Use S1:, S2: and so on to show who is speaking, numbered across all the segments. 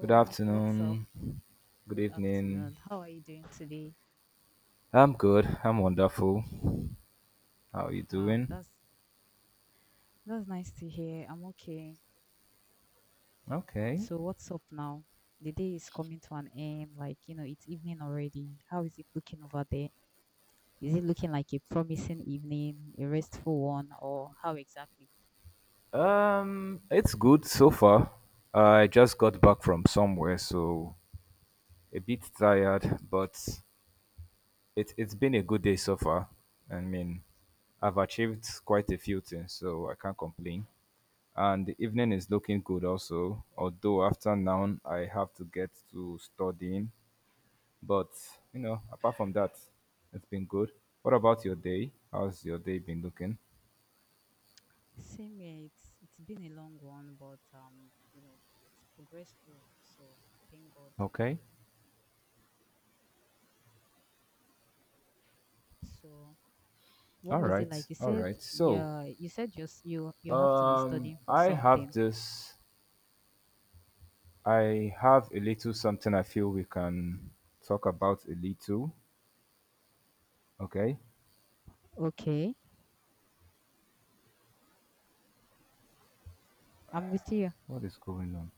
S1: Good
S2: what's up?
S1: afternoon. Good
S2: Good
S1: evening.
S2: afternoon. How are you doing today?
S1: I'm good. I'm wonderful. How are you
S2: Wow,
S1: doing?
S2: that's nice to hear. I'm okay.
S1: Okay.
S2: So what's up now? The day is coming to an end, like you know, it's evening already. How is it looking over there? Is it looking like a promising evening, a restful one, or how exactly?
S1: It's good so far. I just got back from somewhere, so a bit tired, but it's been a good day so far. I mean, I've achieved quite a few things, so I can't complain. And the evening is looking good also, although after now I have to get to studying. But, apart from that, it's been good. What about your day? How's your day been looking?
S2: Same here, it's been a long one, but you know, it's progressful, so thank God.
S1: Okay.
S2: So what
S1: All
S2: was it
S1: right,
S2: like? You
S1: all
S2: said
S1: right. So,
S2: yeah, you said you have to be
S1: um,
S2: studying for
S1: I have
S2: something.
S1: this. I have a little something I feel we can talk about a little. Okay,
S2: Okay, I'm with you.
S1: what is going on?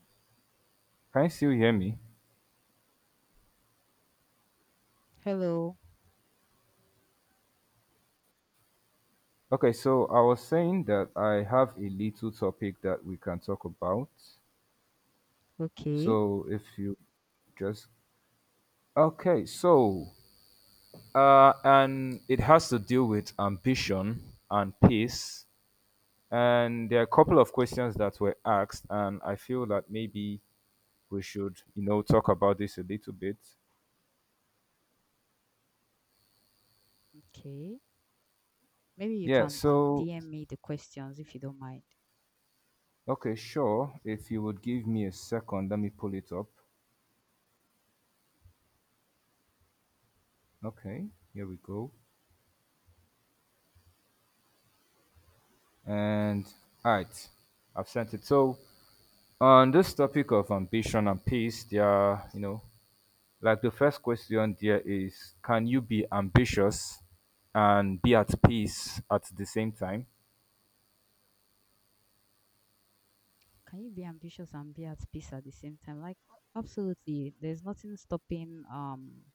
S1: Can you still hear me?
S2: Hello.
S1: Okay, so I was saying that I have a little topic that we can talk about.
S2: Okay,
S1: So, if you just okay, so and it has to deal with ambition and peace. And there are a couple of questions that were asked, and I feel that maybe we should, talk about this a little bit.
S2: okay. Maybe you
S1: Yeah.
S2: can
S1: So,
S2: DM me the questions if you don't mind.
S1: okay, sure. If you would give me a second, let me pull it up. Okay, here we go. And all right, I've sent it. So, on this topic of ambition and peace, there are, like the first question there is, can you be ambitious and be at peace at the same time?
S2: Can you be ambitious and be at peace at the same time? Like absolutely. There's nothing stopping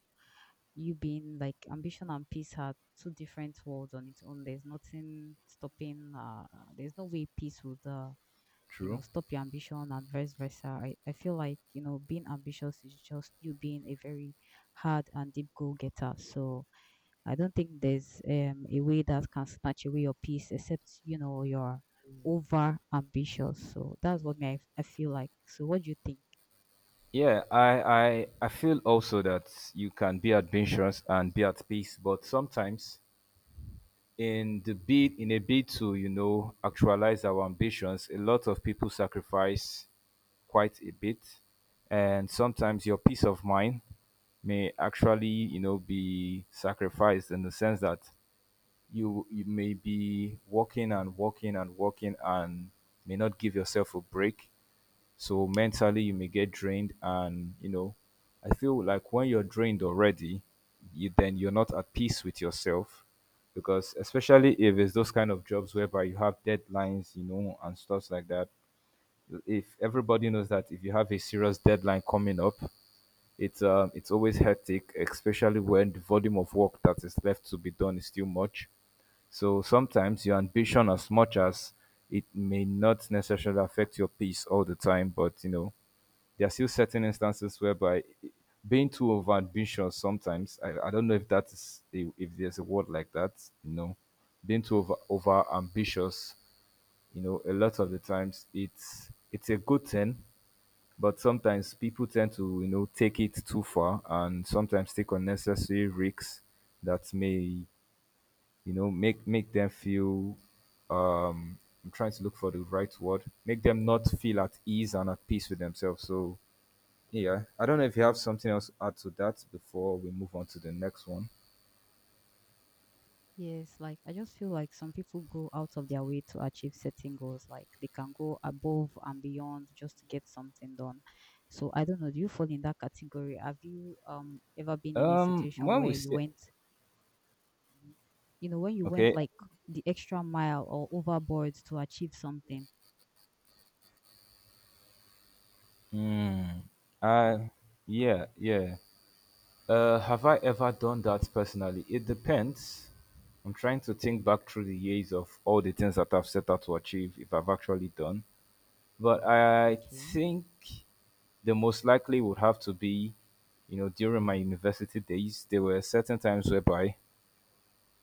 S2: you being like ambition and peace are two different worlds on its own. There's nothing stopping there's no way peace would you know
S1: True.
S2: stop your ambition and vice versa I feel like you know being ambitious is just you being a very hard and deep goal getter so I don't think there's a way that can snatch away your peace except you know you're over ambitious so that's what me I feel like so what do you think?
S1: Yeah, I feel also that you can be ambitious and be at peace, but sometimes in a bid to actualize our ambitions, a lot of people sacrifice quite a bit, and sometimes your peace of mind may actually be sacrificed in the sense that you may be working and working and working and may not give yourself a break, so mentally you may get drained, and I feel like when you're drained already, you then you're not at peace with yourself, because especially if it's those kind of jobs whereby you have deadlines, you know, and stuff like that. If everybody knows that if you have a serious deadline coming up, it's always hectic, especially when the volume of work that is left to be done is too much. So sometimes your ambition, as much as it may not necessarily affect your peace all the time, but you know, there are still certain instances whereby being too overambitious sometimes, I don't know if that is a, if there's a word like that, you know, being too over ambitious, you know, a lot of the times it's a good thing, but sometimes people tend to, you know, take it too far and sometimes take unnecessary risks that may, you know, make them feel um I'm trying to look for the right word, make them not feel at ease and at peace with themselves. So yeah, I don't know if you have something else to add to that before we move on to the next one.
S2: Yes, like I just feel like some people go out of their way to achieve certain goals. Like they can go above and beyond just to get something done. So I don't know, do you fall in that category? Have you ever been in a situation
S1: When we
S2: where you
S1: say
S2: went, you know, when you went
S1: okay,
S2: like the extra mile or overboard to achieve something?
S1: uh, yeah, yeah. Have I ever done that personally? It depends. I'm trying to think back through the years of all the things that I've set out to achieve if I've actually done. But I
S2: Okay.
S1: think the most likely would have to be, you know, during my university days, there were certain times whereby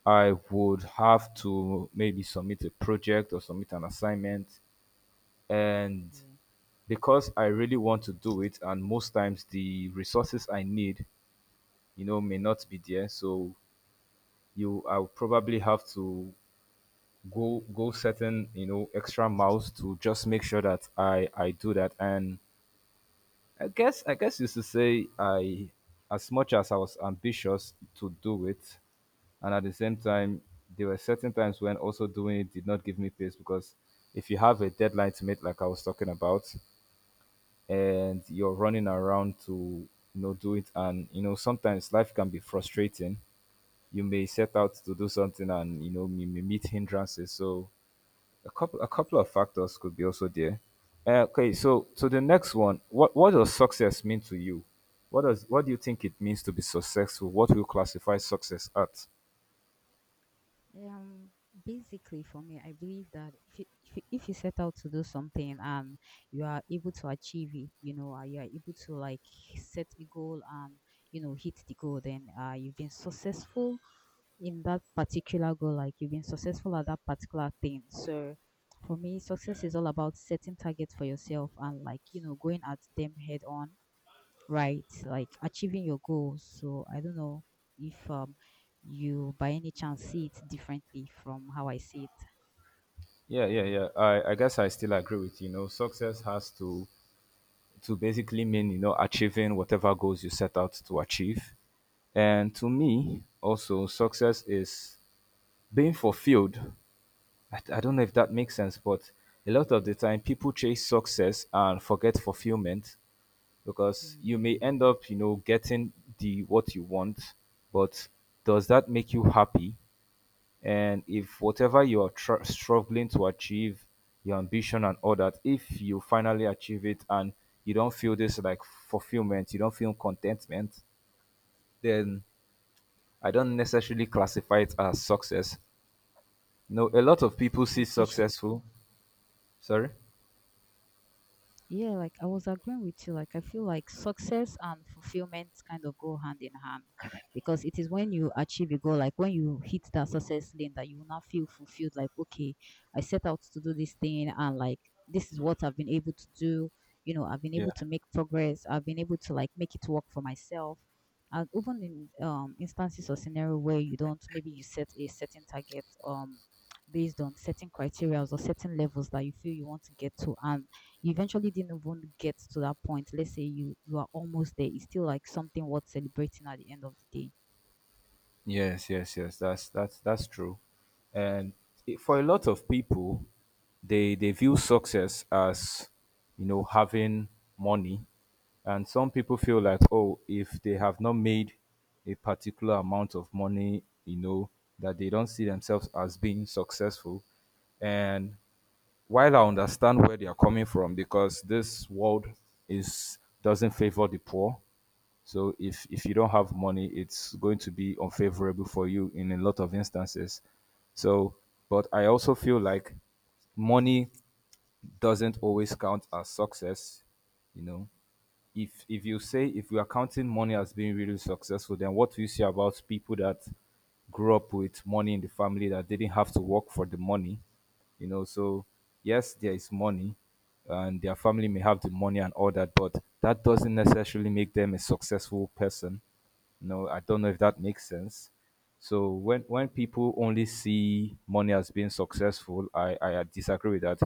S1: I would have to maybe submit a project or submit an assignment. And
S2: Yeah.
S1: because I really want to do it, and most times the resources I need, you know, may not be there. So you I'll probably have to go certain, you know, extra miles to just make sure that I do that. And I guess you should say I, as much as I was ambitious to do it, and at the same time there were certain times when also doing it did not give me peace, because if you have a deadline to meet like I was talking about, and you're running around to, you know, do it, and you know sometimes life can be frustrating. You may set out to do something and you know you may meet hindrances. So a couple of factors could be also there. Okay, so the next one, what does success mean to you? What does, what do you think it means to be successful? What will you classify success at?
S2: Um, basically, for me, I believe that if you set out to do something and you are able to achieve it, you know, you are able to like set a goal and you know hit the goal, then you've been successful in that particular goal. Like you've been successful at that particular thing. So, for me, success is all about setting targets for yourself and like you know going at them head on, right? Like achieving your goals. So I don't know if you by any chance see it differently from how I see it.
S1: Yeah, yeah, yeah. I guess I still agree with you. You know, success has to basically mean, you know, achieving whatever goals you set out to achieve. And to me, also, success is being fulfilled. I don't know if that makes sense, but a lot of the time people chase success and forget fulfillment, because you
S2: Hmm.
S1: may end up, you know, getting the what you want, but does that make you happy? And if whatever you are struggling to achieve, your ambition and all that, if you finally achieve it and you don't feel this like fulfillment, you don't feel contentment, then I don't necessarily classify it as success. No, a lot of people see
S2: You, you sh-
S1: successful. Sorry?
S2: Yeah, like I was agreeing with you. Like I feel like success and fulfillment kind of go hand in hand because it is when you achieve a goal, like when you hit that success lane, that you will now feel fulfilled. Like okay, I set out to do this thing, and like this is what I've been able to do. You know, I've been
S1: Yeah.
S2: able to make progress. I've been able to like make it work for myself. And even in instances or scenario where you don't, maybe you set a certain target based on certain criteria or certain levels that you feel you want to get to, and you eventually didn't even get to that point, let's say you are almost there, it's still like something worth celebrating at the end of the day.
S1: Yes, yes, yes. That's that's true. And it- for a lot of people, they view success as, you know, having money, and some people feel like, oh, if they have not made a particular amount of money, you know, that they don't see themselves as being successful. And while I understand where they are coming from, because this world is doesn't favor the poor, so if you don't have money, it's going to be unfavorable for you in a lot of instances. So, but I also feel like money doesn't always count as success, you know, if you say, if we are counting money as being really successful, then what do you say about people that grew up with money in the family that didn't have to work for the money? You know, so yes, there is money, and their family may have the money and all that, but that doesn't necessarily make them a successful person. You know, I don't know if that makes sense. So when people only see money as being successful, I disagree with that.